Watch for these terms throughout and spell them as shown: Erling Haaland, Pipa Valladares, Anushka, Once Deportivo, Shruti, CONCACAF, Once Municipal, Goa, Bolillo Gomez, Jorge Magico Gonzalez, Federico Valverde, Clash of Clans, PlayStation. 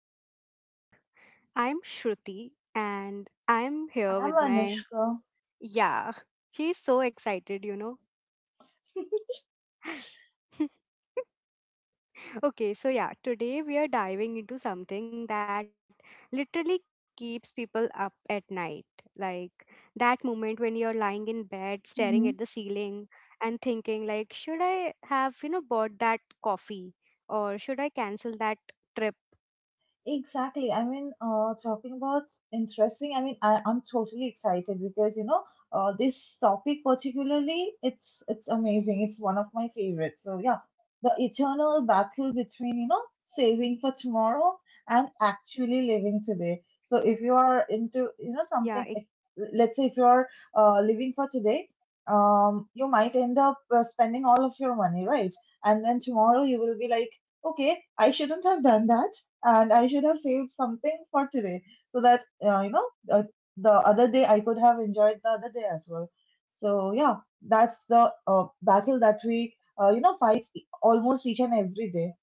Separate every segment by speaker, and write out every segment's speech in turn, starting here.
Speaker 1: Welcome back. I'm Shruti and I'm here
Speaker 2: آه
Speaker 1: with my.
Speaker 2: منشک
Speaker 1: Yeah, he's so excited, Okay, so yeah, today we are diving into something that literally keeps people up at night. Like that moment when you're lying in bed, staring at the ceiling and thinking, like, should I have, bought that coffee, or should I cancel that trip?
Speaker 2: Exactly. Talking about interesting. I'm totally excited because, you know, this topic particularly, it's amazing. It's one of my favorites. So yeah, the eternal battle between, you know, saving for tomorrow and actually living today. So if you are
Speaker 1: Yeah.
Speaker 2: into, you know, something, if, let's say if you're living for today, you might end up spending all of your money, right? And then tomorrow you will be like, okay, I shouldn't have done that and I should have saved something for today so that the other day I could have enjoyed the other day as well. So yeah, that's the battle that we fight almost each and every day.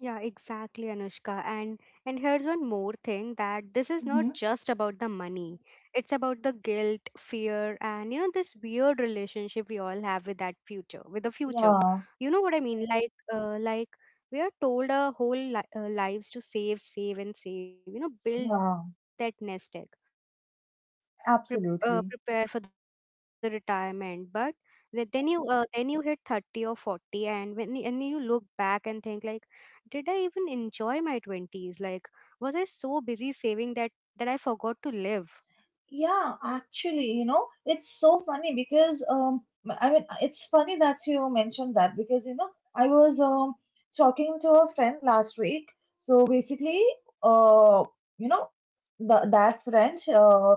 Speaker 1: Yeah, exactly, Anushka. And here's one more thing: that this is not
Speaker 2: Hmm.
Speaker 1: just about the money. It's about the guilt, fear, and you know this weird relationship we all have with that future, with the future.
Speaker 2: Yeah,
Speaker 1: You know what I mean? Like we are told our whole lives to save, save, and save. You know, build that
Speaker 2: yeah,
Speaker 1: nest egg, pre- prepare for the retirement. But
Speaker 2: absolutely.
Speaker 1: then you hit thirty or forty, and you look back and think, like, did I even enjoy my 20s? Like, was I so busy saving that I forgot to live?
Speaker 2: Yeah, actually, you know, it's so funny because I mean it's funny that you mentioned that because you know I was talking to a friend last week. So basically, uh you know the
Speaker 1: Hmm.
Speaker 2: that friend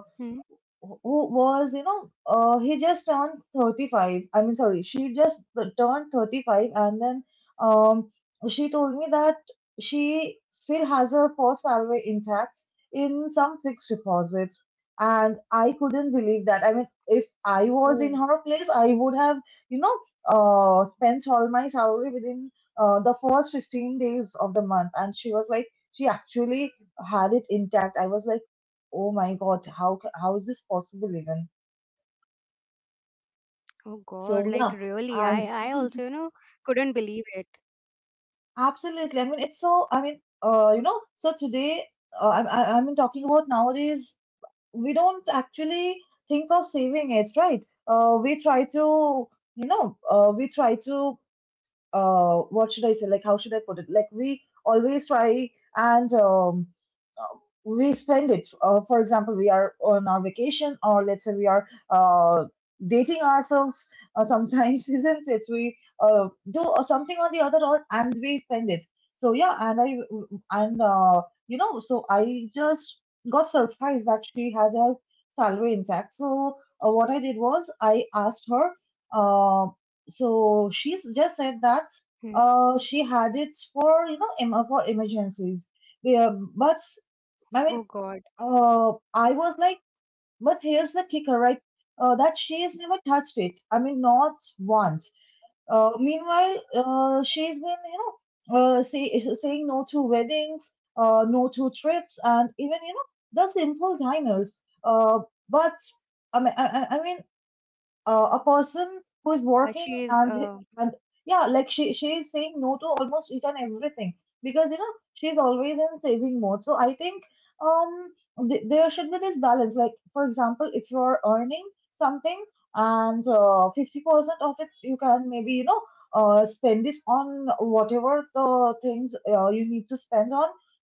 Speaker 2: who was, you know, he just turned 35. I mean, sorry, she just turned 35, and then um, she told me that she still has her first salary intact in some fixed deposit. And I couldn't
Speaker 1: Oh.
Speaker 2: believe that. I mean, if I was in her place, I would have, you know, spent all my salary within the first 15 days of the month. And she was like, she actually had it intact. I was like, oh my god, how is this possible even?
Speaker 1: Oh God, like, really?
Speaker 2: So
Speaker 1: I
Speaker 2: yeah.
Speaker 1: also, you know,
Speaker 2: And
Speaker 1: couldn't believe it.
Speaker 2: absolutely. I mean it's so I mean you know so today, I mean, talking about nowadays, we don't actually think of saving it, right? We try to you know we try to What should I say? Like, how should I put it? Like, we always try and uh, we spend it. For example, we are on our vacation, or let's say we are dating ourselves. Sometimes, isn't it? We do something on the other, or and we spend it. So yeah, and I and you know, so I just got surprised that she had her salary intact. So what I did was I asked her. uh so she
Speaker 1: Hmm.
Speaker 2: just said that she had it for you know for emergencies, yeah. but
Speaker 1: Oh God.
Speaker 2: I mean I was like, but here's the kicker, right? That she's never touched it, I mean, not once. Meanwhile, she's been you know saying no to weddings, no to trips, and even you know the simple diners. Uh, but I mean, A person who's working
Speaker 1: She is.
Speaker 2: and and yeah, like she is saying no to almost each and everything because you know she's always in saving mode. So I think um there should be this balance. Like for example, if you're earning something and 50% of it you can maybe you know spend it on whatever the things you need to spend on,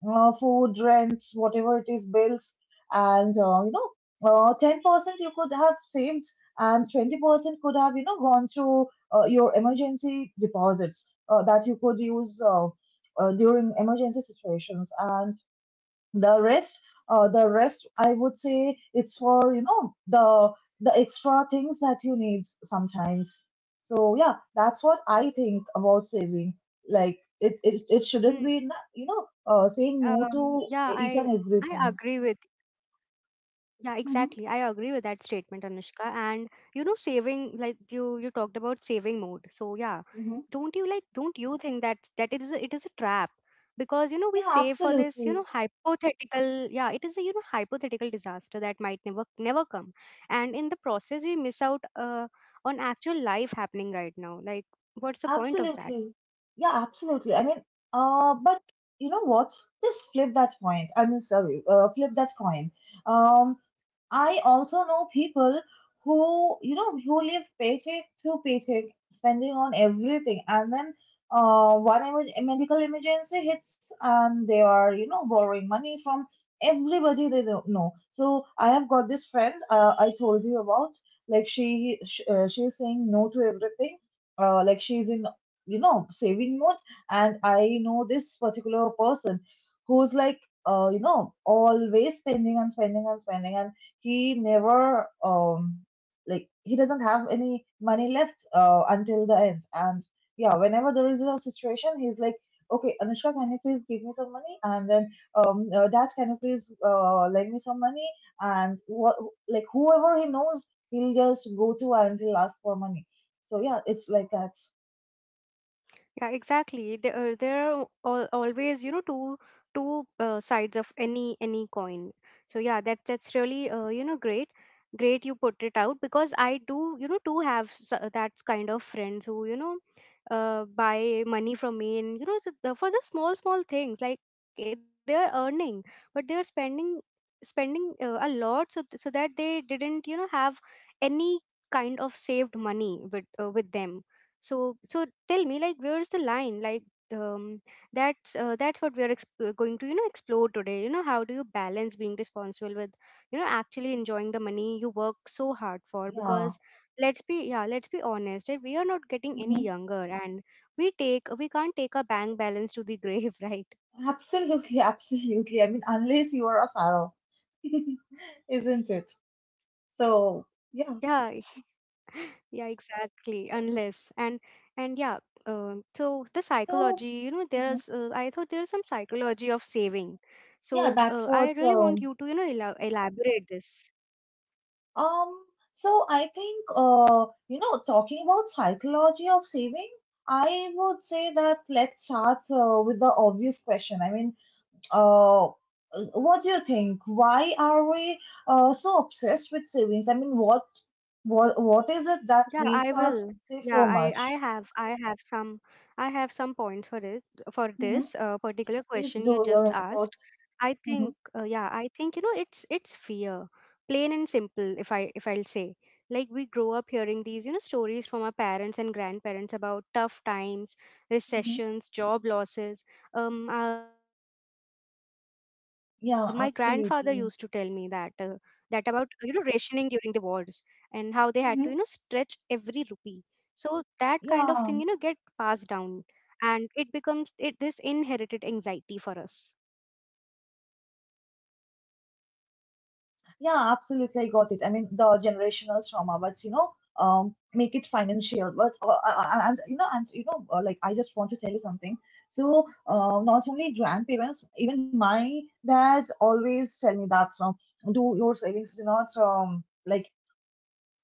Speaker 2: food, rents, whatever it is, bills. And 10% you could have saved, and 20% could have you know gone to your emergency deposits that you could use during emergency situations. And the rest, the rest I would say it's for you know the extra things that you need sometimes. So yeah, that's what I think about saving. Like it shouldn't be, you know,
Speaker 1: Yeah,
Speaker 2: saying
Speaker 1: I
Speaker 2: no to
Speaker 1: I
Speaker 2: e-, each
Speaker 1: agree with.
Speaker 2: and everything.
Speaker 1: Yeah, exactly. I agree with
Speaker 2: Hmm.
Speaker 1: that statement, Anushka. And you know, saving, like you talked about saving mode. So yeah, don't
Speaker 2: Hmm.
Speaker 1: you like don't you think that it is a trap because you know we
Speaker 2: Yeah,
Speaker 1: save for this you know
Speaker 2: absolutely.
Speaker 1: hypothetical, yeah, it is a you know hypothetical disaster that might never come, and in the process we miss out on actual life happening right now. Like, what's the point
Speaker 2: Absolutely.
Speaker 1: of that?
Speaker 2: Yeah, absolutely. But you know what? Just flip that point. I mean, sorry, flip that coin. Um, I also know people who, you know, who live paycheck to paycheck, spending on everything, and then a medical emergency hits, and they are, you know, borrowing money from everybody they don't know. No. So I have got this friend I told you about. Like she's saying no to everything. Like she's in, you know, saving mode, and I know this particular person who's like, you know, always spending and spending and spending, and he never like he doesn't have any money left until the end. And yeah, whenever there is a situation, he's like, okay, Anushka, can you please give me some money? And then dad, can you please lend me some money? And what, like whoever he knows, he'll just go to and he'll ask for money. So yeah, it's like that.
Speaker 1: Yeah, exactly. There are always, you know, two sides of any coin. So yeah, that that's really you know great, great you put it out, because I do you know do have that kind of friends who you know buy money from me, and you know for the small things. Like, they are earning but they are spending, spending a lot, so so that they didn't you know have any kind of saved money with them. So so tell me, like, where's the line? Like, um, that's what we are going to you know explore today. You know, how do you balance being responsible with you know actually enjoying the money you work so hard for,
Speaker 2: Yeah.
Speaker 1: because let's be yeah let's be honest, right? We are not getting any
Speaker 2: Hmm.
Speaker 1: younger, and we take we can't take a bank balance to the grave, right?
Speaker 2: Absolutely. Absolutely, I mean, unless you are a pharaoh. Isn't it?
Speaker 1: Yeah,
Speaker 2: So
Speaker 1: yeah,
Speaker 2: yeah.
Speaker 1: exactly, unless. And and yeah, so the psychology, you know, there's I thought
Speaker 2: So,
Speaker 1: there's some
Speaker 2: mhm.
Speaker 1: psychology of saving. So I really want you to
Speaker 2: Yeah,
Speaker 1: you know
Speaker 2: that's what.
Speaker 1: elaborate this.
Speaker 2: Um, so I think, you know, talking about psychology of saving, I would say that let's start with the obvious question. Uh, what do you think? Why are we so obsessed with savings? What is
Speaker 1: Yeah,
Speaker 2: it
Speaker 1: I
Speaker 2: that
Speaker 1: will.
Speaker 2: makes us
Speaker 1: Yeah,
Speaker 2: save
Speaker 1: I I
Speaker 2: so
Speaker 1: have
Speaker 2: much?
Speaker 1: I have some I have some points for it, for this
Speaker 2: Hmm.
Speaker 1: particular
Speaker 2: Please
Speaker 1: question
Speaker 2: do
Speaker 1: you just
Speaker 2: your
Speaker 1: asked.
Speaker 2: input.
Speaker 1: I think
Speaker 2: Hmm.
Speaker 1: yeah, I think you know it's fear, plain and simple. If I'll say, like, we grow up hearing these you know stories from our parents and grandparents about tough times,
Speaker 2: Hmm.
Speaker 1: recessions, job losses. My grandfather used to tell me that
Speaker 2: Yeah,
Speaker 1: that about you know
Speaker 2: absolutely.
Speaker 1: rationing during the wars, and how they had to you know stretch every rupee.
Speaker 2: Hmm.
Speaker 1: So that kind of thing you know get passed down,
Speaker 2: Yeah.
Speaker 1: and it becomes it this inherited anxiety for us.
Speaker 2: Yeah, absolutely. I got it. I mean, the generational trauma, but you know, um, make it financial. But and you know, like I just want to tell you something. So, not only grandparents, even my dad always tell me that, do your savings, do not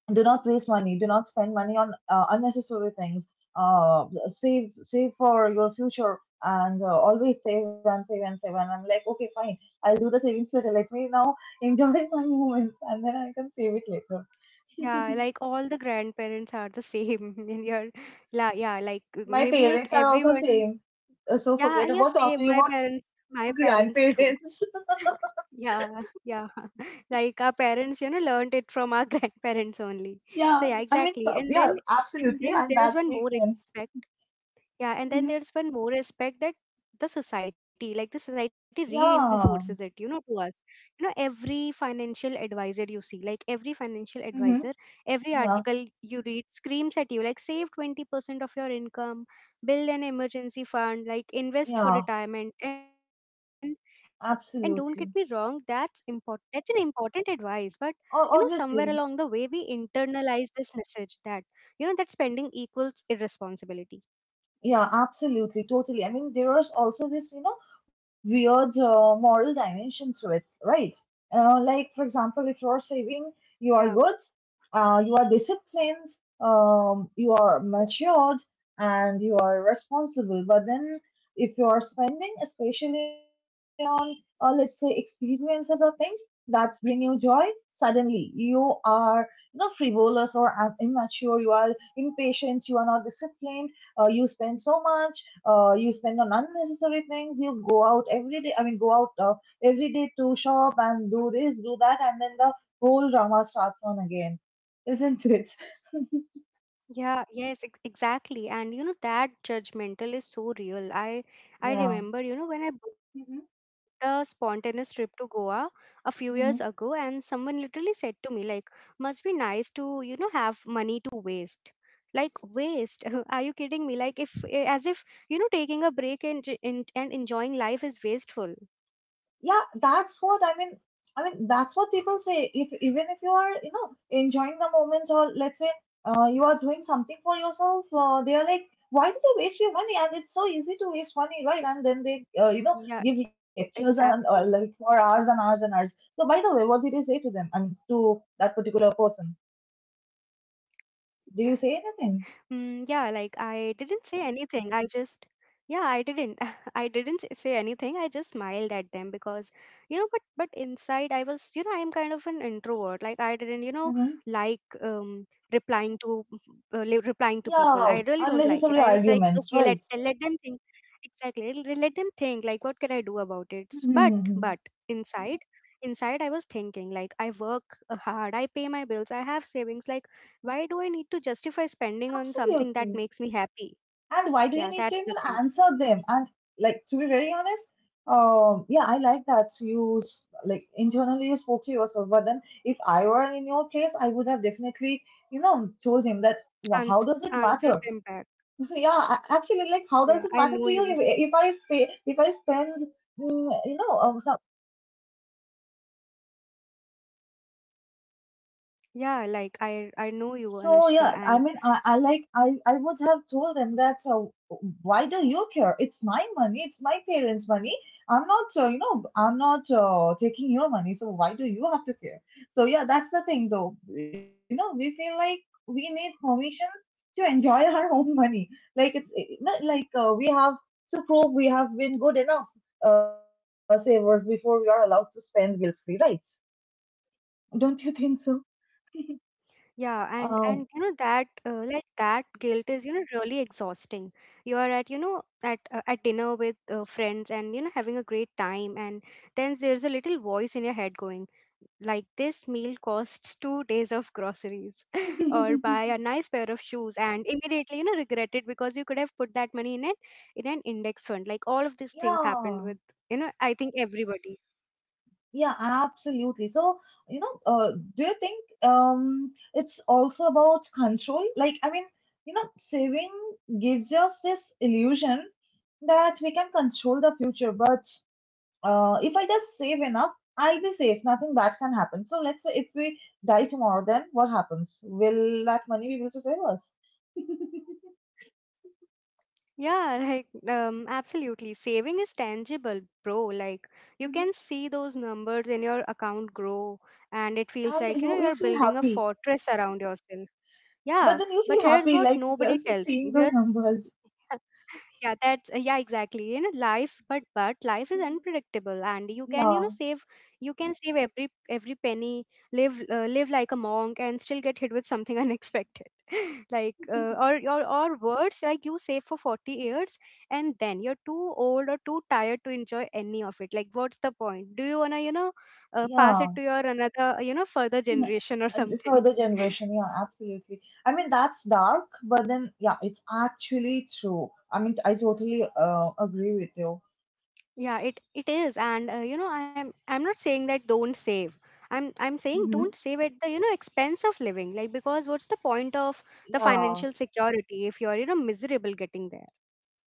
Speaker 2: do not waste money, do not spend money on unnecessary things, save, save for your future, and always save and save and save. And I'm like, okay, fine, I'll do the savings later, let me now enjoy my moments and then I can save it later.
Speaker 1: Yeah, like all the grandparents are the same in your la, yeah, like
Speaker 2: My
Speaker 1: maybe like
Speaker 2: parents are also
Speaker 1: everyone.
Speaker 2: same. So
Speaker 1: Yeah,
Speaker 2: forget
Speaker 1: yeah,
Speaker 2: about
Speaker 1: same,
Speaker 2: talking
Speaker 1: my
Speaker 2: about
Speaker 1: parents, my
Speaker 2: grandparents.
Speaker 1: parents too. Yeah, yeah, like our parents you know learned it from our grandparents only.
Speaker 2: Yeah.
Speaker 1: So yeah, exactly. And
Speaker 2: Yeah,
Speaker 1: then and
Speaker 2: absolutely,
Speaker 1: then
Speaker 2: and
Speaker 1: there
Speaker 2: that
Speaker 1: is one
Speaker 2: makes
Speaker 1: more
Speaker 2: sense.
Speaker 1: aspect. Yeah, and then
Speaker 2: Hmm.
Speaker 1: there's one more aspect, that the society, like the society reinforces it, you know,
Speaker 2: Yeah.
Speaker 1: to us. You know, every financial advisor you see, like every financial advisor,
Speaker 2: Hmm.
Speaker 1: every
Speaker 2: Yeah,
Speaker 1: article you read screams at you, like, save 20% of your income, build an emergency fund, like invest for
Speaker 2: yeah,
Speaker 1: retirement. And don't get me wrong, that's important.
Speaker 2: absolutely.
Speaker 1: That's an important advice. But you know, somewhere along the
Speaker 2: O-
Speaker 1: way, we
Speaker 2: obviously.
Speaker 1: internalize this message that, that spending equals irresponsibility.
Speaker 2: Yeah, absolutely, totally. I mean, there is also this, you know, weird moral dimension to it, right? Like, for example, if you're saving,
Speaker 1: Yeah.
Speaker 2: you are good, you are disciplined, you are matured, and you are responsible. But then, if you are spending, especially on, let's say, experiences or things that bring you joy, suddenly you are, you know, frivolous or immature, you are impatient, you are not disciplined, you spend so much, you spend on unnecessary things, you go out every day, I mean go out every day to shop and do this, do that, and then the whole drama starts on again, isn't it?
Speaker 1: Yeah, yes, exactly. And you know that judgmental is so real. I
Speaker 2: Yeah.
Speaker 1: remember, you know, when I
Speaker 2: Hmm.
Speaker 1: booked a spontaneous trip to Goa a few years
Speaker 2: Mhm.
Speaker 1: ago and someone literally said to me, like, "Must be nice to, you know, have money to waste." Like, waste? Are you kidding me? Like, if eh, as if, you know, taking a break and enjoying life is wasteful.
Speaker 2: Yeah, that's what I mean. I mean, that's what people say. If even if you are you know enjoying the moments, or let's say you are doing something for yourself, they are like, why did you waste your money? And it's so easy to waste money, right? And then they you know give lectures
Speaker 1: Yeah,
Speaker 2: and like
Speaker 1: exactly.
Speaker 2: for hours and hours and hours. So by the way, what did you say to them? I mean, to that particular person, did you
Speaker 1: Mm,
Speaker 2: say
Speaker 1: yeah, like,
Speaker 2: anything?
Speaker 1: I didn't say anything. I just, yeah, I didn't. I didn't say anything. I just smiled at them because, you know, but inside I was, you know, I'm kind of an introvert. Like, I didn't, you know, like
Speaker 2: Mm-hmm.
Speaker 1: replying to replying to people. I really
Speaker 2: Yeah,
Speaker 1: don't like it. I was
Speaker 2: unnecessary
Speaker 1: like, okay,
Speaker 2: arguments, right?
Speaker 1: let them think. Exactly, let them think. Like, what can I do about it? But
Speaker 2: Mm-hmm.
Speaker 1: inside. Inside, I was thinking, like, I work hard, I pay my bills, I have savings. Like, why do I need to justify spending on something
Speaker 2: Absolutely.
Speaker 1: that makes me happy?
Speaker 2: And why do you
Speaker 1: Yeah,
Speaker 2: need to
Speaker 1: that's
Speaker 2: even
Speaker 1: the thing.
Speaker 2: answer them? And like to be very honest, yeah, I like that you, like internally you spoke to yourself. But then, if I were in your place, I would have definitely, you know, told him that. " How
Speaker 1: Answer,
Speaker 2: does it
Speaker 1: answer
Speaker 2: matter?"
Speaker 1: them back.
Speaker 2: Yeah, actually, like, how does
Speaker 1: Yeah,
Speaker 2: it
Speaker 1: I
Speaker 2: matter
Speaker 1: know
Speaker 2: to you
Speaker 1: you.
Speaker 2: if I stay, if I spend, mm, you know, um,
Speaker 1: Yeah, like I know you,
Speaker 2: so yeah.
Speaker 1: Anushka,
Speaker 2: I mean,
Speaker 1: and
Speaker 2: I like I would have told them that. So why do you care? It's my money. It's my parents' money. I'm not, you know, I'm not taking your money. So why do you have to care? So yeah, that's the thing, though. You know, we feel like we need permission to enjoy our own money. Like it's not like we have to prove we have been good enough savers before we are allowed to spend guilt free, right? Don't you think so?
Speaker 1: yeah, and and you know that
Speaker 2: Um.
Speaker 1: like that guilt is you know really exhausting. You are at you know at dinner with friends and you know having a great time, and then there's a little voice in your head going, like, this meal costs 2 days of groceries, or buy a nice pair of shoes and immediately you know regret it because you could have put that money in an index fund. Like, all of these things
Speaker 2: Yeah.
Speaker 1: happened with you know I think everybody.
Speaker 2: Yeah, absolutely. So, you know, do you think it's also about control? Like, I mean, you know, saving gives us this illusion that we can control the future. But if I just save enough, I'll be safe. Nothing bad can happen. So, let's say if we die tomorrow, then what happens? Will that money be able to save us?
Speaker 1: Yeah. Like, absolutely, saving is tangible, bro. Like,
Speaker 2: Mhm.
Speaker 1: you can see those numbers in your account grow and it
Speaker 2: And
Speaker 1: feels
Speaker 2: you,
Speaker 1: like you
Speaker 2: you
Speaker 1: know
Speaker 2: feel
Speaker 1: you're building a
Speaker 2: happy,
Speaker 1: fortress around yourself.
Speaker 2: but then
Speaker 1: Yeah,
Speaker 2: you feel
Speaker 1: but here's
Speaker 2: happy
Speaker 1: what
Speaker 2: like
Speaker 1: nobody
Speaker 2: just
Speaker 1: tells
Speaker 2: seeing
Speaker 1: you,
Speaker 2: the
Speaker 1: here's
Speaker 2: numbers.
Speaker 1: yeah that's yeah, exactly, you know, life, but life is
Speaker 2: Mhm.
Speaker 1: unpredictable, and you can you know
Speaker 2: Yeah,
Speaker 1: save. You can save every penny, live live like a monk, and still get hit with something unexpected. Like or words like, you save for 40 years and then you're too old or too tired to enjoy any of it. Like, what's the point? Do you want to you know pass it
Speaker 2: yeah.
Speaker 1: to your another you know further
Speaker 2: Mm,
Speaker 1: generation or something?
Speaker 2: Further generation, yeah, absolutely. I mean that's dark, but then yeah it's actually true. I mean I totally agree with you.
Speaker 1: Yeah, it is, and you know, I'm not saying that don't save. I'm
Speaker 2: Mm-hmm.
Speaker 1: saying don't save at the you know expense of living. Like, because what's the point of the
Speaker 2: Yeah.
Speaker 1: financial security if you're you know miserable getting there?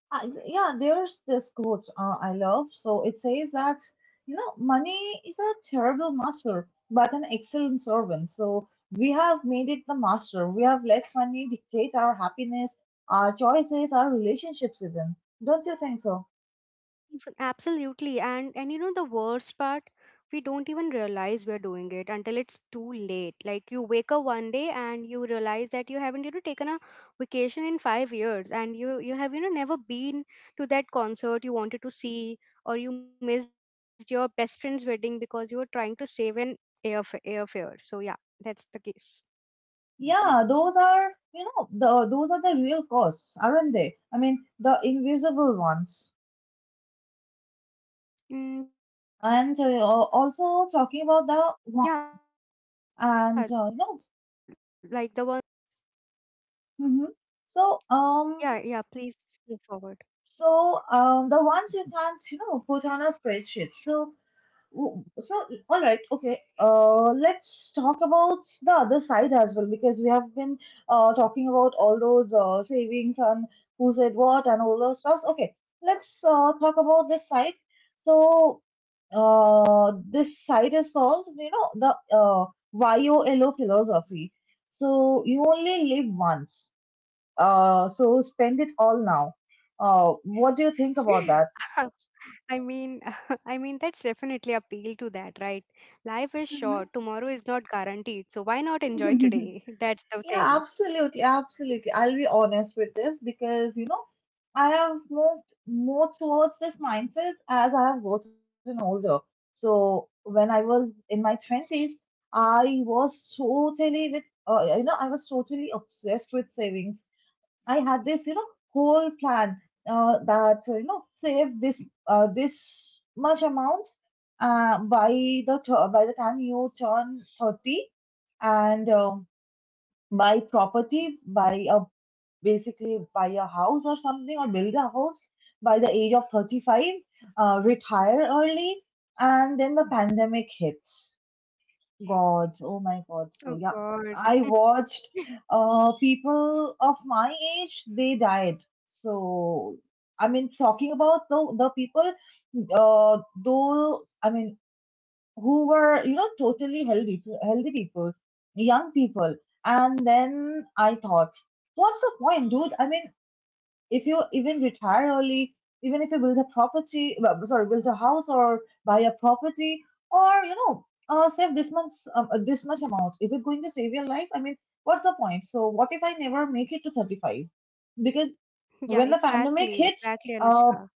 Speaker 2: Yeah, there's this quote I love. So it says that money is a terrible master but an excellent servant. So we have made it the master. We have let money dictate our happiness, our choices, our relationships, even. Don't you think so?
Speaker 1: Absolutely. And you know the worst part, we don't even realize we're doing it until it's too late. Like, you wake up one day and you realize that you haven't, you know, taken a vacation in 5 years, and you have, you know, never been to that concert you wanted to see, or you missed your best friend's wedding because you were trying to save an airfare. So yeah, that's the case.
Speaker 2: Yeah, those are the real costs, aren't they? I mean, the invisible ones.
Speaker 1: Mm, yeah, like
Speaker 2: And
Speaker 1: the ones you can't put
Speaker 2: also talking about
Speaker 1: on a
Speaker 2: the
Speaker 1: spreadsheet.
Speaker 2: and no, mm-hmm. So um,
Speaker 1: Yeah, yeah, please move forward.
Speaker 2: so the ones you can't, put on a spreadsheet. So. Oh. So, all right, okay. Let's talk about the other side as well because we have been talking about all those savings and who said what and all those stuffs. Okay, let's talk about this side. So, this side is called you know the YOLO philosophy. So you only live once. So spend it all now. What do you think about that?
Speaker 1: I mean, I mean, that's definitely appeal to that, right? Life is short. Tomorrow is not guaranteed, so why not enjoy today? That's the
Speaker 2: Yeah,
Speaker 1: thing.
Speaker 2: absolutely, absolutely. I'll be honest with this because, I have moved more towards this mindset as I have gotten older. So when I was in my twenties, I was totally with you know I was totally obsessed with savings. I had this whole plan, that so you know save this this much amount by the time you turn 30, and buy property, buy a house or something, or build a house by the age of 35. Retire early. And then the pandemic hits. God. Oh my God. So, yeah,
Speaker 1: Oh
Speaker 2: I
Speaker 1: God.
Speaker 2: watched people of my age, they died. So, I mean, talking about the people, I mean, who were totally healthy people, young people. And then I thought, what's the point, dude? I mean, if you even retire early, even if you build a property, well, sorry, build a house or buy a property, or save this much, this much amount, is it going to save your life? I mean, what's the point? So what if I never make it to 35? Because
Speaker 1: Yeah,
Speaker 2: when the pandemic
Speaker 1: exactly,
Speaker 2: hit
Speaker 1: exactly,
Speaker 2: uh,
Speaker 1: Anushka.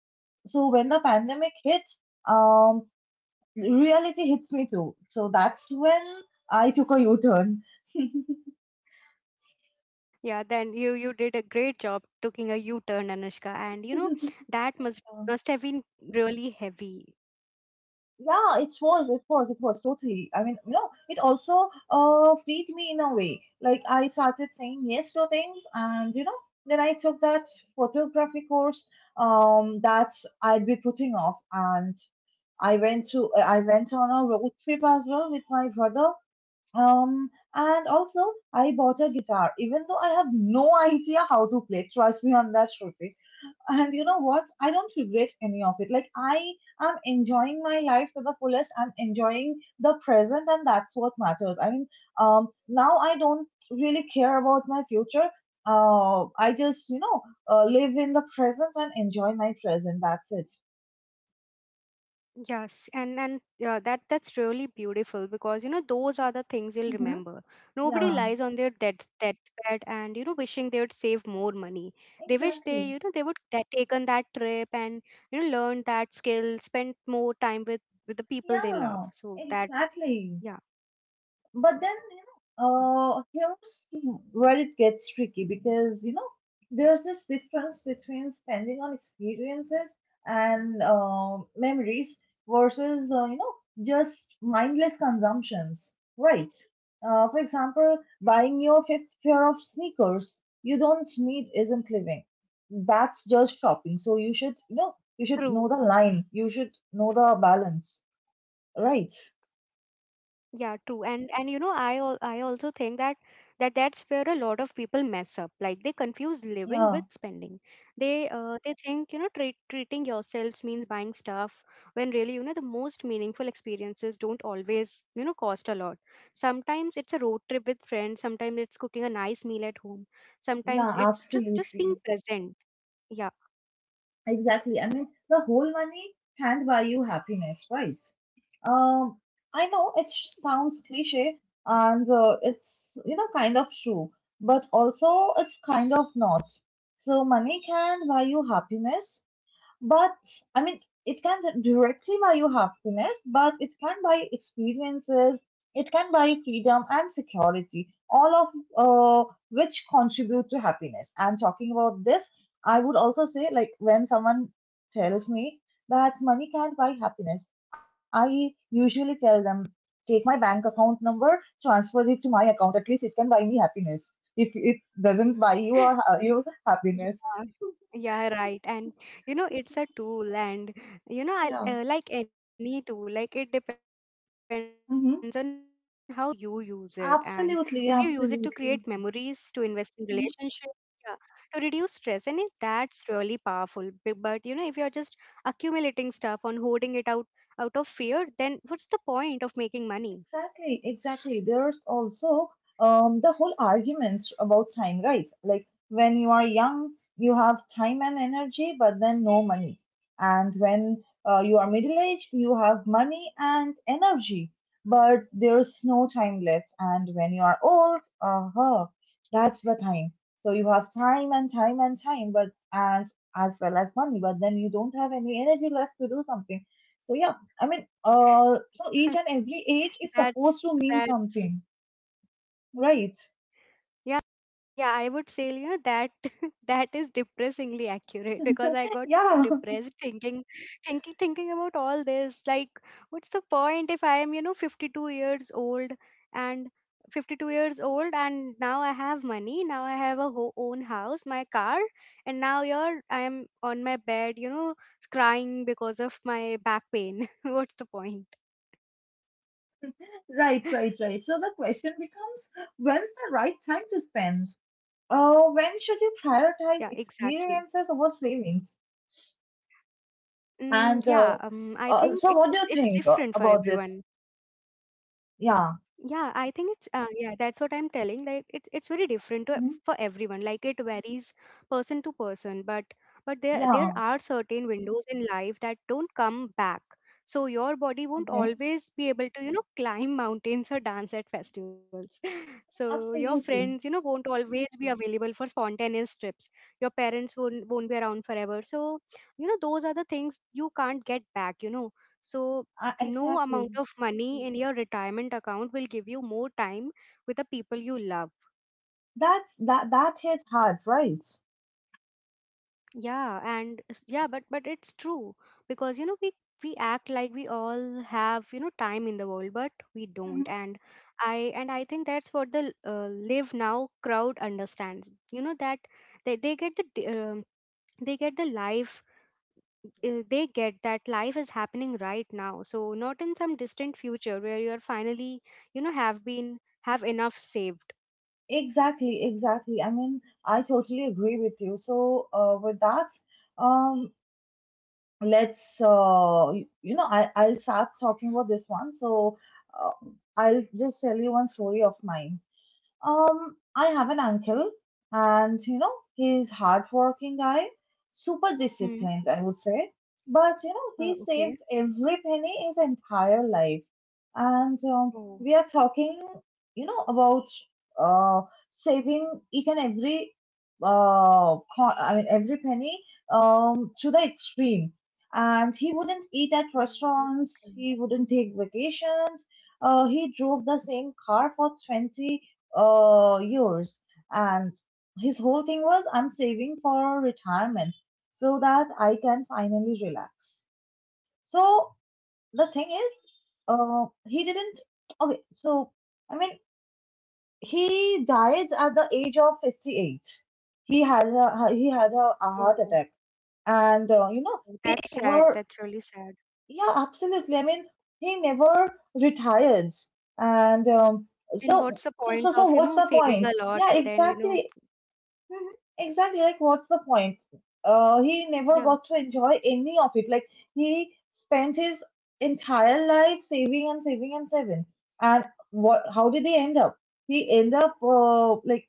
Speaker 2: when the pandemic hit, um, reality hits me too. So that's when I took a U turn.
Speaker 1: Yeah, then you did a great job taking a U-turn, Anushka, and you know that
Speaker 2: Um,
Speaker 1: must have been really heavy.
Speaker 2: yeah, it was totally. I mean, you know, it also freed me in a way. Like, I started saying yes to things, and you know, then I took that photography course that I'd be putting off, and I went on a road trip as well with my brother. And also I bought a guitar, even though I have no idea how to play. Trust me on that, Shruti. And you know what? I don't regret any of it. Like I am enjoying my life to the fullest. I'm enjoying the present, and that's what matters. I mean, now I don't really care about my future. I just, you know, live in the present and enjoy my present. That's it.
Speaker 1: Yes, and yeah, that that's really beautiful because you know those are the things you'll
Speaker 2: Hmm.
Speaker 1: remember. Nobody
Speaker 2: Yeah,
Speaker 1: lies on their death deathbed and you know wishing they would save more money. They wish they
Speaker 2: exactly.
Speaker 1: you know they would taken that trip and you know learned that skill, spent more time with the people they love.
Speaker 2: Yeah,
Speaker 1: So that
Speaker 2: exactly.
Speaker 1: yeah,
Speaker 2: but then you know here's where it gets tricky because, there's this difference between spending on experiences and memories versus, just mindless consumptions, right? For example, buying your fifth pair of sneakers you don't need isn't living. That's just shopping. So you should, you know, you should know the
Speaker 1: true.
Speaker 2: line, you should know the balance, right?
Speaker 1: Yeah, true. And you know, I I also think that that that's where a lot of people mess up. Like, they confuse living with spending.
Speaker 2: Yeah,
Speaker 1: They think, you know, treat, treating yourselves means buying stuff when really, you know, the most meaningful experiences don't always, you know, cost a lot. Sometimes it's a road trip with friends, sometimes it's cooking a nice meal at home, sometimes
Speaker 2: yeah,
Speaker 1: it's just
Speaker 2: absolutely.
Speaker 1: being present. Yeah.
Speaker 2: Exactly. I mean, the whole money can't buy you happiness, right? Um, I know it sounds cliche and it's, you know, kind of true, but also it's kind of not. So, money can buy you happiness, but I mean, it can directly buy you happiness, but it can buy experiences, it can buy freedom and security, all of which contribute to happiness. And talking about this, I would also say, like, when someone tells me that money can't buy happiness, I usually tell them, take my bank account number, transfer it to my account. At least it can buy me happiness. If it doesn't buy you or you happiness,
Speaker 1: Yeah, yeah, right. And you know, it's a tool, and you know,
Speaker 2: yeah.
Speaker 1: I like any tool, like it depends on how you use
Speaker 2: Mhm.
Speaker 1: it. And if you use it to create memories, to
Speaker 2: Absolutely,
Speaker 1: invest in
Speaker 2: absolutely.
Speaker 1: relationships, yeah, to
Speaker 2: Mhm.
Speaker 1: reduce stress, that's really powerful. But you know, if you're just accumulating stuff on hoarding it out of fear, then what's the point of making money?
Speaker 2: Exactly, exactly. There's also the whole arguments about time, right? Like when you are young, you have time and energy, but then no money. And when you are middle aged, you have money and energy, but there's no time left. And when you are old, uh-huh, that's the time. So you have time and time and time, but and as well as money, but then you don't have any energy left to do something. So yeah, I mean, so each and every age
Speaker 1: That's
Speaker 2: is supposed to
Speaker 1: that's
Speaker 2: mean something, right?
Speaker 1: Yeah, I would say yeah, that that is depressingly accurate because I got too
Speaker 2: Yeah,
Speaker 1: depressed thinking about all this. Like, what's the point if I am, you know, 52 years old and 52 years old and now I have money, now I have a ho own house, my car, and now you're I am on my bed, you know, crying because of my back pain. What's the point?
Speaker 2: right, right, right. So the question becomes, when's the right time to spend? Uh,
Speaker 1: Yeah,
Speaker 2: when should you
Speaker 1: exactly.
Speaker 2: prioritize experiences over savings?
Speaker 1: Yeah, I
Speaker 2: And
Speaker 1: think it's it's it's different for
Speaker 2: so, what do you
Speaker 1: everyone.
Speaker 2: think about this?
Speaker 1: Yeah, I think
Speaker 2: Yeah,
Speaker 1: it's yeah, that's what I'm telling. Like it's very different for everyone. Like
Speaker 2: hmm,
Speaker 1: it varies person to person, but but there are certain
Speaker 2: yeah,
Speaker 1: windows in life that don't come back. So your body won't always
Speaker 2: okay,
Speaker 1: be able to, you know, climb mountains or dance at festivals. So your friends, you know, won't
Speaker 2: absolutely,
Speaker 1: always be available for spontaneous trips. Your parents won't be around forever. So, you know, those are the things you can't get back, you know, so no
Speaker 2: exactly.
Speaker 1: amount of money in your retirement account will give you more time with the people you love.
Speaker 2: That that hit hard, right?
Speaker 1: Yeah, and yeah, but it's true because you know we act like we all have, you know, time in the world, but we
Speaker 2: Mm-hmm.
Speaker 1: don't. And I think that's what the live now crowd understands. You know that they get the they get the life they get that life is happening right now, so not in some distant future where you're finally, you know, have enough saved.
Speaker 2: Exactly, exactly. I mean, I totally agree with you. So, with that, um, let's, I'll start talking about this one. So, uh, I'll just tell you one story of mine. I have an uncle, and you know, he's hardworking guy, super
Speaker 1: Hmm.
Speaker 2: disciplined, I would say. But you know, he saved
Speaker 1: Okay.
Speaker 2: every penny his entire life, and we
Speaker 1: Oh.
Speaker 2: are talking, you know, about uh saving each and every I mean, every penny to the extreme. And he wouldn't eat at
Speaker 1: Oh,
Speaker 2: restaurants.
Speaker 1: okay.
Speaker 2: He wouldn't take vacations. He drove the same car for 20 years. And his whole thing was, I'm saving for retirement so that I can finally relax. So the thing is, he didn't. Okay, so I mean, he died at the age of 58. A heart attack,
Speaker 1: Oh.
Speaker 2: and
Speaker 1: Oh,
Speaker 2: he
Speaker 1: that's sad,
Speaker 2: never.
Speaker 1: that's really sad.
Speaker 2: Yeah, absolutely. I mean, he never retired,
Speaker 1: And what's the point
Speaker 2: and
Speaker 1: of, you know, saving a
Speaker 2: so
Speaker 1: lot and
Speaker 2: so so
Speaker 1: then,
Speaker 2: so.
Speaker 1: you
Speaker 2: What's
Speaker 1: know,
Speaker 2: the point? Yeah, exactly. Mhm. Exactly, like what's the point?
Speaker 1: yeah.
Speaker 2: He never got to enjoy any of it. Like he spent his entire life saving and saving and saving. And what? How did he end up? He end up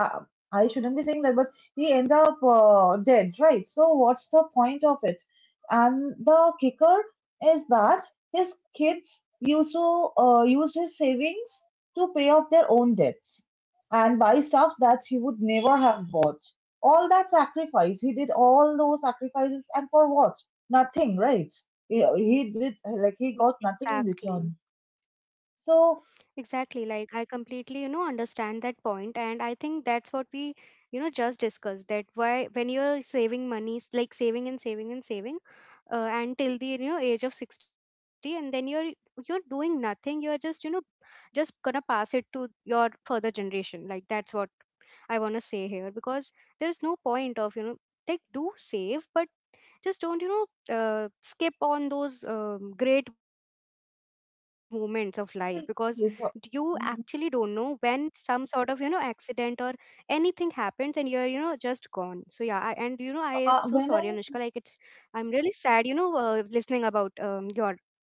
Speaker 2: uh, I shouldn't be saying that, but he end up dead, right? So what's the point of it? And the kicker is that his kids used to used his savings to pay off their own debts and buy stuff that he would never have bought. All that sacrifice, he did all those sacrifices, and for what? Nothing, right? He did like he got nothing in
Speaker 1: Exactly.
Speaker 2: return. So,
Speaker 1: Exactly, like I completely, you know, understand that point, and I think that's what we, you know, just discussed, that why when you're saving money, like saving and saving and saving, until the, you know, age of 60, and then you're doing nothing, you're just, you know, just gonna pass it to your further generation. Like that's what I want to say here, because there's no point of, you know, like do save, but just don't, you know, skip on those great moments of life, because you actually don't
Speaker 2: so
Speaker 1: know when some sort of, you know, accident or anything happens and you're, you know, just gone. So yeah, and you know I am so sorry, Anushka, like
Speaker 2: when
Speaker 1: it's,
Speaker 2: I.
Speaker 1: I'm really sad, you know, listening about your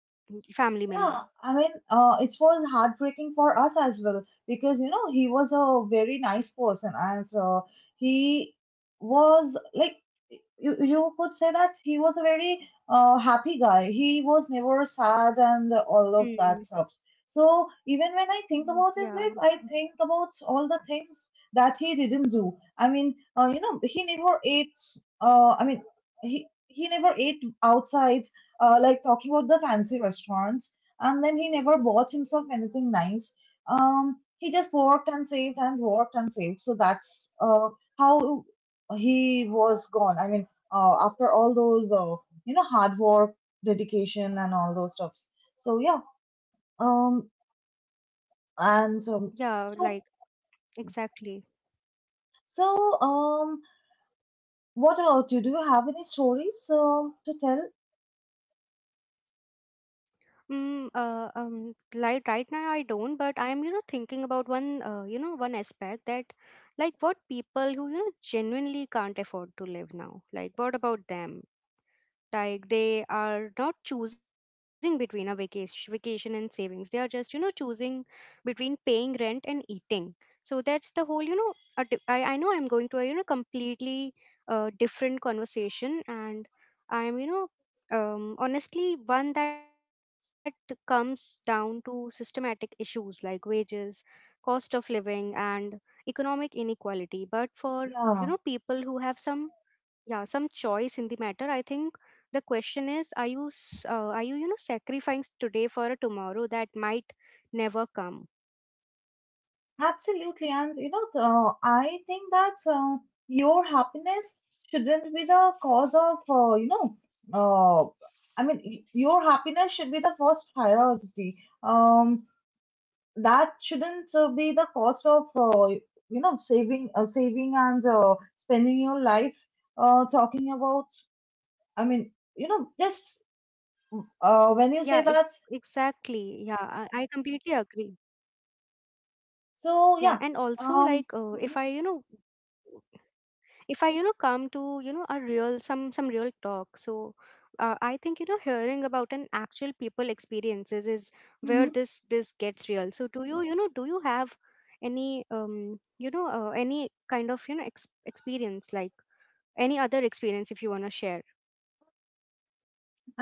Speaker 1: family member.
Speaker 2: Yeah, I mean, it was heartbreaking for us as well because you know he was a very nice person and he was like you could say that he was a very happy guy. He was never sad and all of that
Speaker 1: Mm.
Speaker 2: stuff. So even when I think about
Speaker 1: Mm,
Speaker 2: his life, I
Speaker 1: yeah.
Speaker 2: think about all the things that he didn't do. I mean, he never ate. Uh, I mean, he never ate outside. Like talking about the fancy restaurants, and then he never bought himself anything nice. He just worked and saved and worked and saved. So that's how he was gone. I mean, after all those, you know, hard work, dedication, and all those stuffs. So yeah. Um, and so so
Speaker 1: Yeah, like exactly.
Speaker 2: so what about you? Do you have any stories to tell?
Speaker 1: Mm, like right now I don't, but I am, you know, thinking about one, you know, one aspect that, like, what people who, you know, genuinely can't afford to live now, like, what about them? Like they are not choosing between a vacation and savings, they are just, you know, choosing between paying rent and eating. So that's the whole, you know, a I know I'm going to a, you know, completely different conversation, and I'm, you know, honestly one that comes down to systematic issues like wages, cost of living, and economic inequality. But for, you know,
Speaker 2: Yeah.
Speaker 1: people who have some, yeah, some choice in the matter, I think the question is, are you are you, you know, sacrificing today for a tomorrow that might never come.
Speaker 2: Absolutely, and you know, I think that your happiness shouldn't be the cause of, uh, I mean, your happiness should be the first priority. Um, that shouldn't be the cause of, you know, saving and spending your life talking about. I mean, you know, just
Speaker 1: yeah it,
Speaker 2: when you say
Speaker 1: exactly. Yeah.
Speaker 2: that,
Speaker 1: I completely agree. Yeah, and also like
Speaker 2: so yeah,
Speaker 1: if I, you know,
Speaker 2: um, mhm,
Speaker 1: come to, you know, a real, some real talk. So I think, you know, hearing about an actual people experiences is where this
Speaker 2: mhm.
Speaker 1: this gets real. So do you, you know, do you have any you know, any kind of, you know, experience, like, any other experience, if you want to share?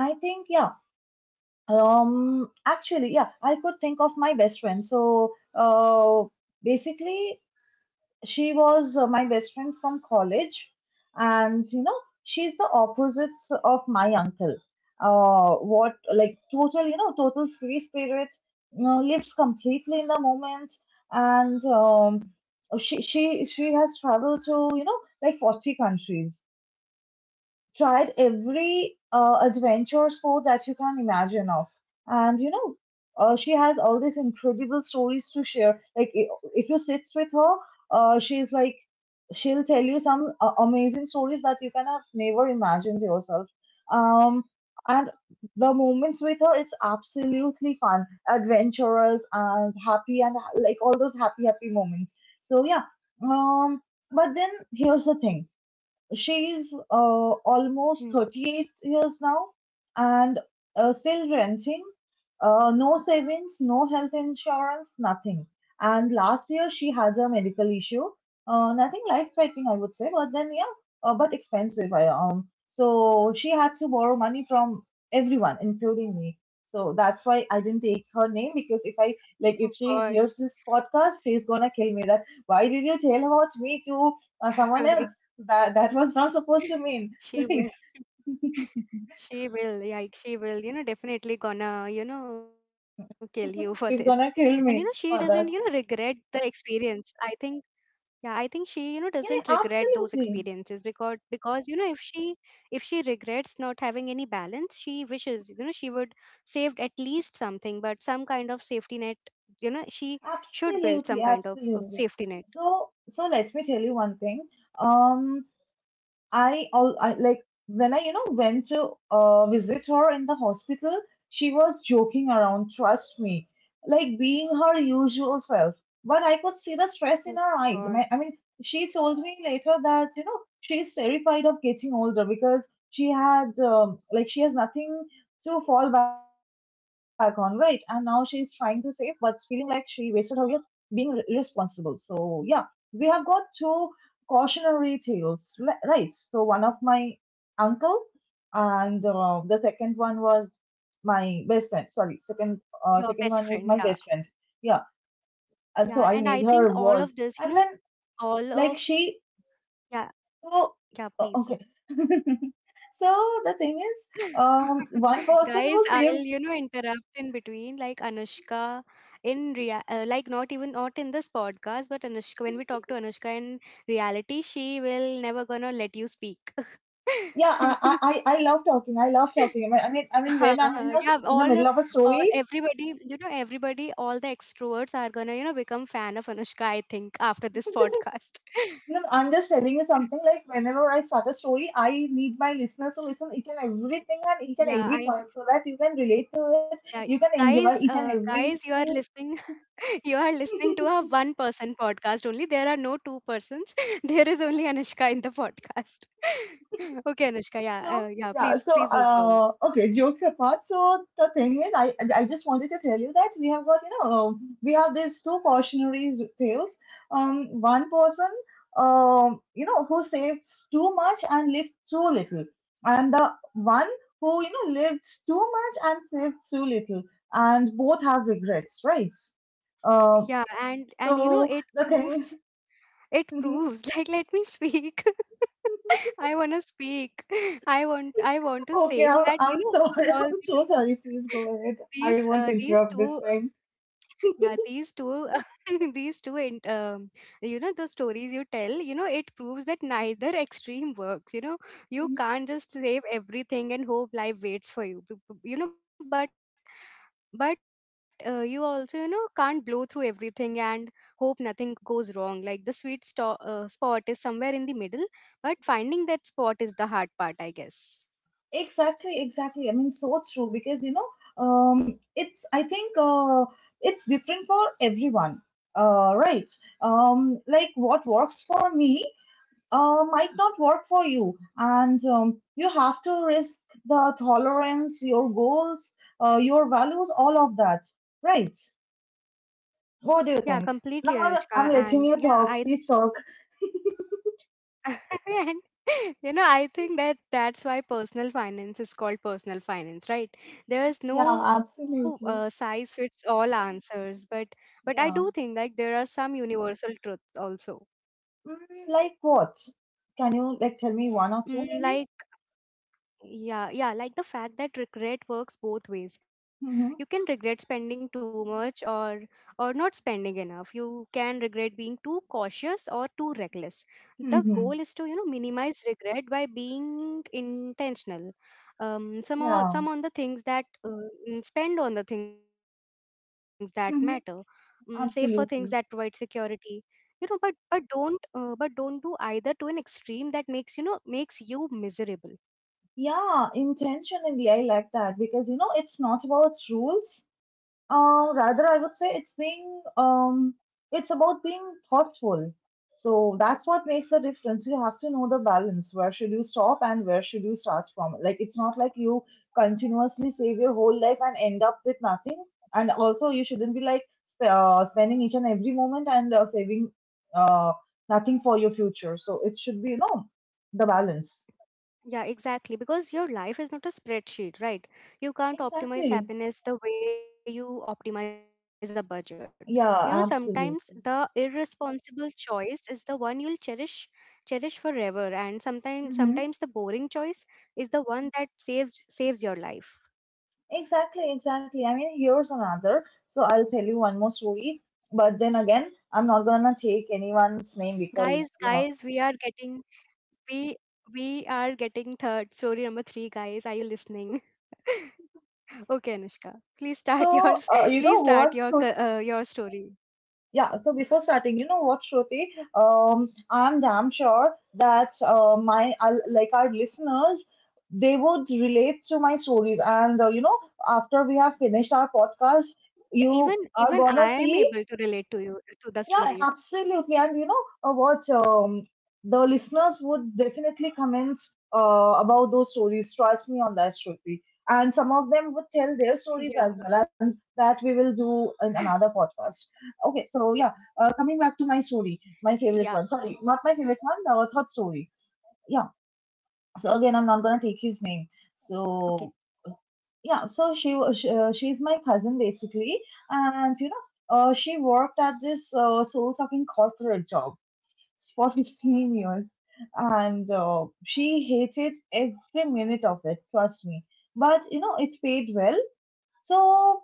Speaker 2: I think yeah. Actually, yeah, I could think of my best friend. So, basically, she was my best friend from college, and you know, she's the opposite of my uncle. What like total, you know, total free spirit, you know, lives completely in the moment, and she has traveled to you know like 40 countries, tried every adventure sport that you can imagine of. And you know, she has all these incredible stories to share. Like, if you sit with her, she's like, she'll tell you some amazing stories that you can have never imagined yourself. Um, and the moments with her, it's absolutely fun, adventurous, and happy, and like all those happy, happy moments. So, yeah. Um, but then here's the thing. She's
Speaker 1: Hmm.
Speaker 2: almost 38 years now and still renting. No savings, no health insurance, nothing. And last year she had a medical issue. Nothing life threatening, I would say, but then, yeah, but expensive. So she had to borrow money from everyone, including me. So that's why I didn't take her name because if I
Speaker 1: Oh
Speaker 2: like
Speaker 1: God.
Speaker 2: if she hears this podcast, she's gonna kill me. That why did you tell about me to
Speaker 1: Ex-
Speaker 2: someone else? That was not supposed to mean,
Speaker 1: she will,
Speaker 2: right?
Speaker 1: she will, like she will, you know, definitely gonna, you know, kill you for this. And
Speaker 2: She's
Speaker 1: you know,
Speaker 2: gonna
Speaker 1: she
Speaker 2: kill
Speaker 1: doesn't,
Speaker 2: me
Speaker 1: you know,
Speaker 2: for
Speaker 1: regret
Speaker 2: that.
Speaker 1: the experience. I think, yeah, I think she, you know, doesn't
Speaker 2: Yeah,
Speaker 1: regret those
Speaker 2: absolutely,
Speaker 1: experiences because, you know, if she regrets not having any balance, she wishes, you know, she would saved at least something, but some kind of safety net. You know, she should
Speaker 2: absolutely,
Speaker 1: build some kind of
Speaker 2: absolutely.
Speaker 1: safety net.
Speaker 2: So let me tell you one thing. um I, all I like When I went to visit her in the hospital, she was joking around. Trust me, like being her usual self. But I could see the stress in her eyes.
Speaker 1: Oh
Speaker 2: I mean,
Speaker 1: God.
Speaker 2: she told me later that she's terrified of getting older because she had like she has nothing to fall back on, right? And now she's trying to save, but feeling like she wasted her youth being irresponsible. So yeah, we have got two cautionary tales, right? So one of my uncle, and the second one was my best friend. Sorry, second
Speaker 1: Your
Speaker 2: one is
Speaker 1: best
Speaker 2: my
Speaker 1: friend,
Speaker 2: best
Speaker 1: yeah.
Speaker 2: friend. Yeah, and so I
Speaker 1: Yeah,
Speaker 2: made
Speaker 1: and
Speaker 2: her
Speaker 1: I think
Speaker 2: was,
Speaker 1: all of
Speaker 2: and then
Speaker 1: this, you know,
Speaker 2: like
Speaker 1: all
Speaker 2: she,
Speaker 1: of, yeah,
Speaker 2: so okay.
Speaker 1: yeah, please.
Speaker 2: So the thing is, one person who saved.
Speaker 1: Guys, I'll, you know, interrupt in between, like Anushka, in rea like not even, not in this podcast, but Anushka when we talk to Anushka in reality, she will never gonna let you speak.
Speaker 2: Yeah, I, I I I love talking. I love talking. I mean
Speaker 1: Huh,
Speaker 2: when I'm
Speaker 1: yeah,
Speaker 2: in the middle of a
Speaker 1: all
Speaker 2: story.
Speaker 1: everybody, you know, everybody, all the extroverts are gonna, you know, become fan of Anushka, I think, after this podcast.
Speaker 2: No, no, I'm just telling you something, like whenever I start a story, I need my listeners to listen each and everything and each and
Speaker 1: Yeah,
Speaker 2: every point so that you can relate to it,
Speaker 1: yeah,
Speaker 2: you can
Speaker 1: guys,
Speaker 2: enjoy each and
Speaker 1: guys,
Speaker 2: everything.
Speaker 1: you are listening, you are listening to a one person podcast only. There are no two persons. There is only Anushka in the podcast. Okay, Anushka, yeah,
Speaker 2: So
Speaker 1: yeah,
Speaker 2: yeah, so
Speaker 1: please, please move forward.
Speaker 2: okay, jokes apart. So the thing is, I just wanted to tell you that we have got we have these two cautionary tales. One person who saves too much and lived too little, and the one who lived too much and saved too little, and both have regrets, right? Um,
Speaker 1: Yeah, and you know,
Speaker 2: so
Speaker 1: it
Speaker 2: the thing.
Speaker 1: proves, it proves like let me speak. I want to speak. I want to
Speaker 2: Okay,
Speaker 1: say that
Speaker 2: I'm
Speaker 1: you know
Speaker 2: sorry. I'm
Speaker 1: all
Speaker 2: so
Speaker 1: these
Speaker 2: sorry. Please go ahead. I won't
Speaker 1: these
Speaker 2: interrupt this
Speaker 1: two
Speaker 2: time.
Speaker 1: yeah, these two these two and you know the stories you tell, you know it proves that neither extreme works. You know you
Speaker 2: Mhm.
Speaker 1: can't just save everything and hope life waits for you, you know, but you also, you know, can't blow through everything and hope nothing goes wrong. Like the sweet spot is somewhere in the middle, but finding that spot is the hard part, I guess.
Speaker 2: Exactly, exactly. I mean, so true because it's I think it's different for everyone, right? Like what works for me might not work for you, and you have to risk the tolerance, your goals, your values, all of that, right? What do you
Speaker 1: Yeah,
Speaker 2: think? Now
Speaker 1: completely, Anushka,
Speaker 2: I'm letting
Speaker 1: and
Speaker 2: you
Speaker 1: yeah,
Speaker 2: talk.
Speaker 1: I
Speaker 2: Please talk.
Speaker 1: and you know I think that that's why personal finance is called personal finance, right? There is
Speaker 2: Yeah,
Speaker 1: no size
Speaker 2: absolutely.
Speaker 1: fits all answers, but I do think, like,
Speaker 2: Yeah.
Speaker 1: there are some universal truths also.
Speaker 2: Mm, like what? Can you like tell me one or
Speaker 1: Mm,
Speaker 2: two
Speaker 1: like,
Speaker 2: maybe?
Speaker 1: yeah, yeah, like the fact that regret works both ways. You
Speaker 2: Mhm.
Speaker 1: can regret spending too much or not spending enough. You can regret being too cautious or too reckless. The
Speaker 2: Mhm.
Speaker 1: goal is to, you know, minimize regret by being intentional. Some
Speaker 2: Yeah.
Speaker 1: some on the things that mm, spend on the things that matter.
Speaker 2: Mhm.
Speaker 1: Save for things that provide
Speaker 2: Absolutely.
Speaker 1: security. You know, but don't do either to an extreme that makes, you know, makes you miserable.
Speaker 2: Yeah, intentionally, I like that because you know it's not about rules. Rather, I would say it's being it's about being thoughtful. So that's what makes the difference. You have to know the balance. Where should you stop and where should you start from? Like it's not like you continuously save your whole life and end up with nothing. And also, you shouldn't be like spending each and every moment and saving uh, nothing for your future. So it should be, you know, the balance.
Speaker 1: Yeah, exactly. Because your life is not a spreadsheet, right?
Speaker 2: Exactly.
Speaker 1: You can't optimize happiness the way you optimize a budget.
Speaker 2: Yeah,
Speaker 1: You know,
Speaker 2: absolutely.
Speaker 1: sometimes the irresponsible choice is the one you'll cherish forever, and sometimes, sometimes the boring choice is the one that saves your life.
Speaker 2: Exactly, exactly. I mean, here's another. So I'll tell you one more story, but then again, I'm not gonna take
Speaker 1: Guys,
Speaker 2: anyone's name
Speaker 1: guys, we are
Speaker 2: because yeah.
Speaker 1: getting, we we are getting third story number 3, guys. Are you listening? Okay, Anushka. Please start yours.
Speaker 2: So
Speaker 1: Please
Speaker 2: you
Speaker 1: start
Speaker 2: know
Speaker 1: your
Speaker 2: what, Shruti?
Speaker 1: your story.
Speaker 2: Yeah. So before starting, you know what, Shruti? I'm damn sure that my like our listeners, they would relate to my stories, and you know, after we have finished our podcast,
Speaker 1: Yeah, even even
Speaker 2: you
Speaker 1: I
Speaker 2: are
Speaker 1: am
Speaker 2: gonna
Speaker 1: able to
Speaker 2: see.
Speaker 1: relate to you, to the stories.
Speaker 2: Yeah, absolutely. And you know, what? The listeners would definitely comment about those stories. Trust me on that, Shruti. And some of them would tell their stories
Speaker 1: Yeah,
Speaker 2: as well, and that we will do in another podcast. Okay, so yeah, coming back
Speaker 1: yeah.
Speaker 2: to my
Speaker 1: Okay,
Speaker 2: story, my favorite one. Sorry, not my favorite one, the third story. Yeah. So again, I'm not gonna take his
Speaker 1: okay.
Speaker 2: name. So yeah, so she's my cousin basically, and you know, she worked at this soul sucking corporate job for 15 years, and she hated every minute of it, trust me, but you know it paid well. So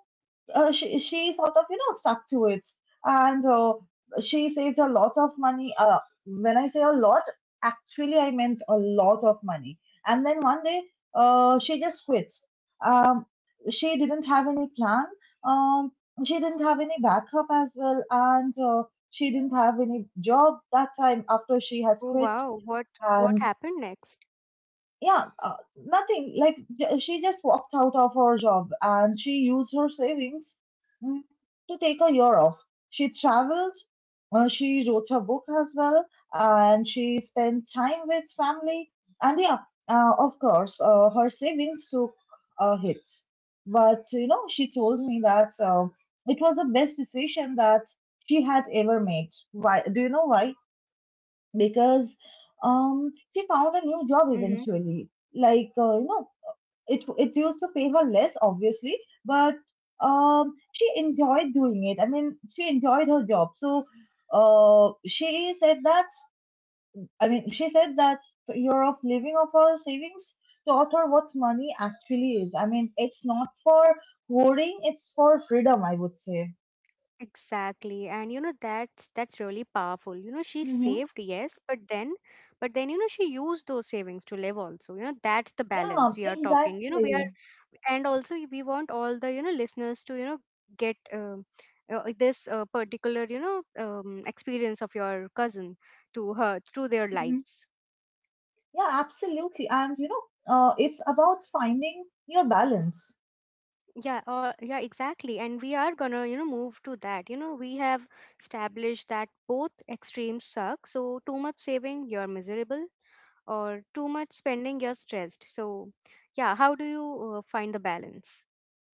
Speaker 2: she sort of, you know, stuck to it, and she saved a lot of money. When I say a lot, actually I meant a lot of money. And then one day, she just quit. Um, she didn't have any plan. Um, she didn't have any backup as well, and she didn't have any job that time after she had
Speaker 1: Oh
Speaker 2: quit.
Speaker 1: wow,
Speaker 2: And
Speaker 1: what happened next?
Speaker 2: yeah, nothing. She just walked out of her job and she used her savings, mm, to take a year off. She traveled, she wrote her book as well, and she spent time with family. And yeah, of course, her savings took a hit. But you know, she told me that it was the best decision that she had ever made. Why? Do you know why? Because she found a new job
Speaker 1: Mm-hmm.
Speaker 2: eventually. Like it it used to pay her less obviously, but she enjoyed doing it. She enjoyed her job. So uh she said that she said that year of living of her savings taught her what money actually is. I mean it's not for hoarding, it's for freedom, I would say.
Speaker 1: Exactly, and you know that's really powerful. You know she
Speaker 2: Hmm.
Speaker 1: saved, yes, but then, but then, you know, she used those savings to live also. You know that's the
Speaker 2: Yeah,
Speaker 1: balance we are talking. You know we are,
Speaker 2: exactly.
Speaker 1: and also we want all the, you know, listeners to, you know, get this particular, you know, experience of your cousin, to her through their
Speaker 2: Mm-hmm.
Speaker 1: lives.
Speaker 2: Yeah, absolutely. And you know, it's about finding your balance.
Speaker 1: Yeah, or, yeah, exactly. And we are gonna, you know, move to that. You know, we have established that both extremes suck. So too much saving, you're miserable, or too much spending, you're stressed. So, yeah, how do you find the balance?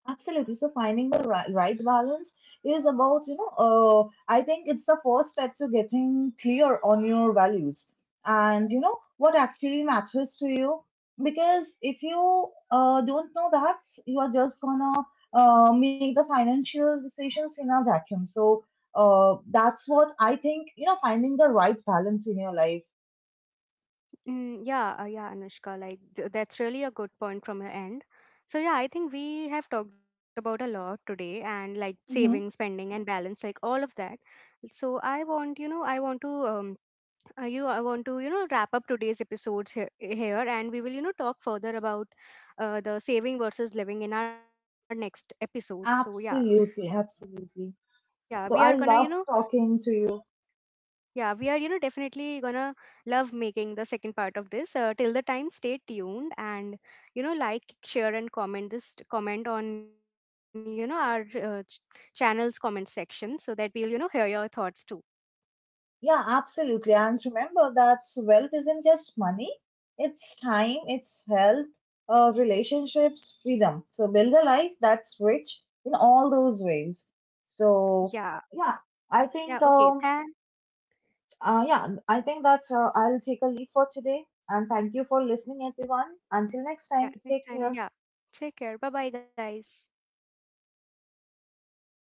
Speaker 2: Absolutely. So finding the right balance is about, you know, I think it's the first step to getting clear on your values and, you know, what actually matters to you. Because if you don't know that, you are just gonna make the financial decisions in a vacuum. So that's what I think, you know, finding the right balance in your life.
Speaker 1: Mm, yeah, yeah, Anushka, like that's really a good point from your end. So yeah, I think we have talked about a lot today, and like saving,
Speaker 2: Mm-hmm.
Speaker 1: spending, and balance, like all of that. So I want, you know, I want to you I want to, you know, wrap up today's episodes here, and we will, you know, talk further about the saving versus living in our next episode. So yeah,
Speaker 2: Absolutely, absolutely.
Speaker 1: yeah, we are gonna,
Speaker 2: So
Speaker 1: you know,
Speaker 2: I love talking to you.
Speaker 1: yeah, we are, you know, definitely gonna love making the second part of this. Till the time, stay tuned, and you know, like, share, and comment on, you know, our uh, ch- channel's comment section, so that we'll, you know, hear your thoughts too.
Speaker 2: Yeah, absolutely. And remember that wealth isn't just money, it's time, it's health, relationships, freedom. So build a life that's rich in all those ways.
Speaker 1: Yeah,
Speaker 2: So yeah, I
Speaker 1: yeah,
Speaker 2: think
Speaker 1: okay, thank,
Speaker 2: um yeah, I think that I'll take a leave for today. And thank you for listening, everyone. Until next
Speaker 1: yeah,
Speaker 2: time,
Speaker 1: next
Speaker 2: take
Speaker 1: time,
Speaker 2: care.
Speaker 1: yeah, take care. Bye bye, guys.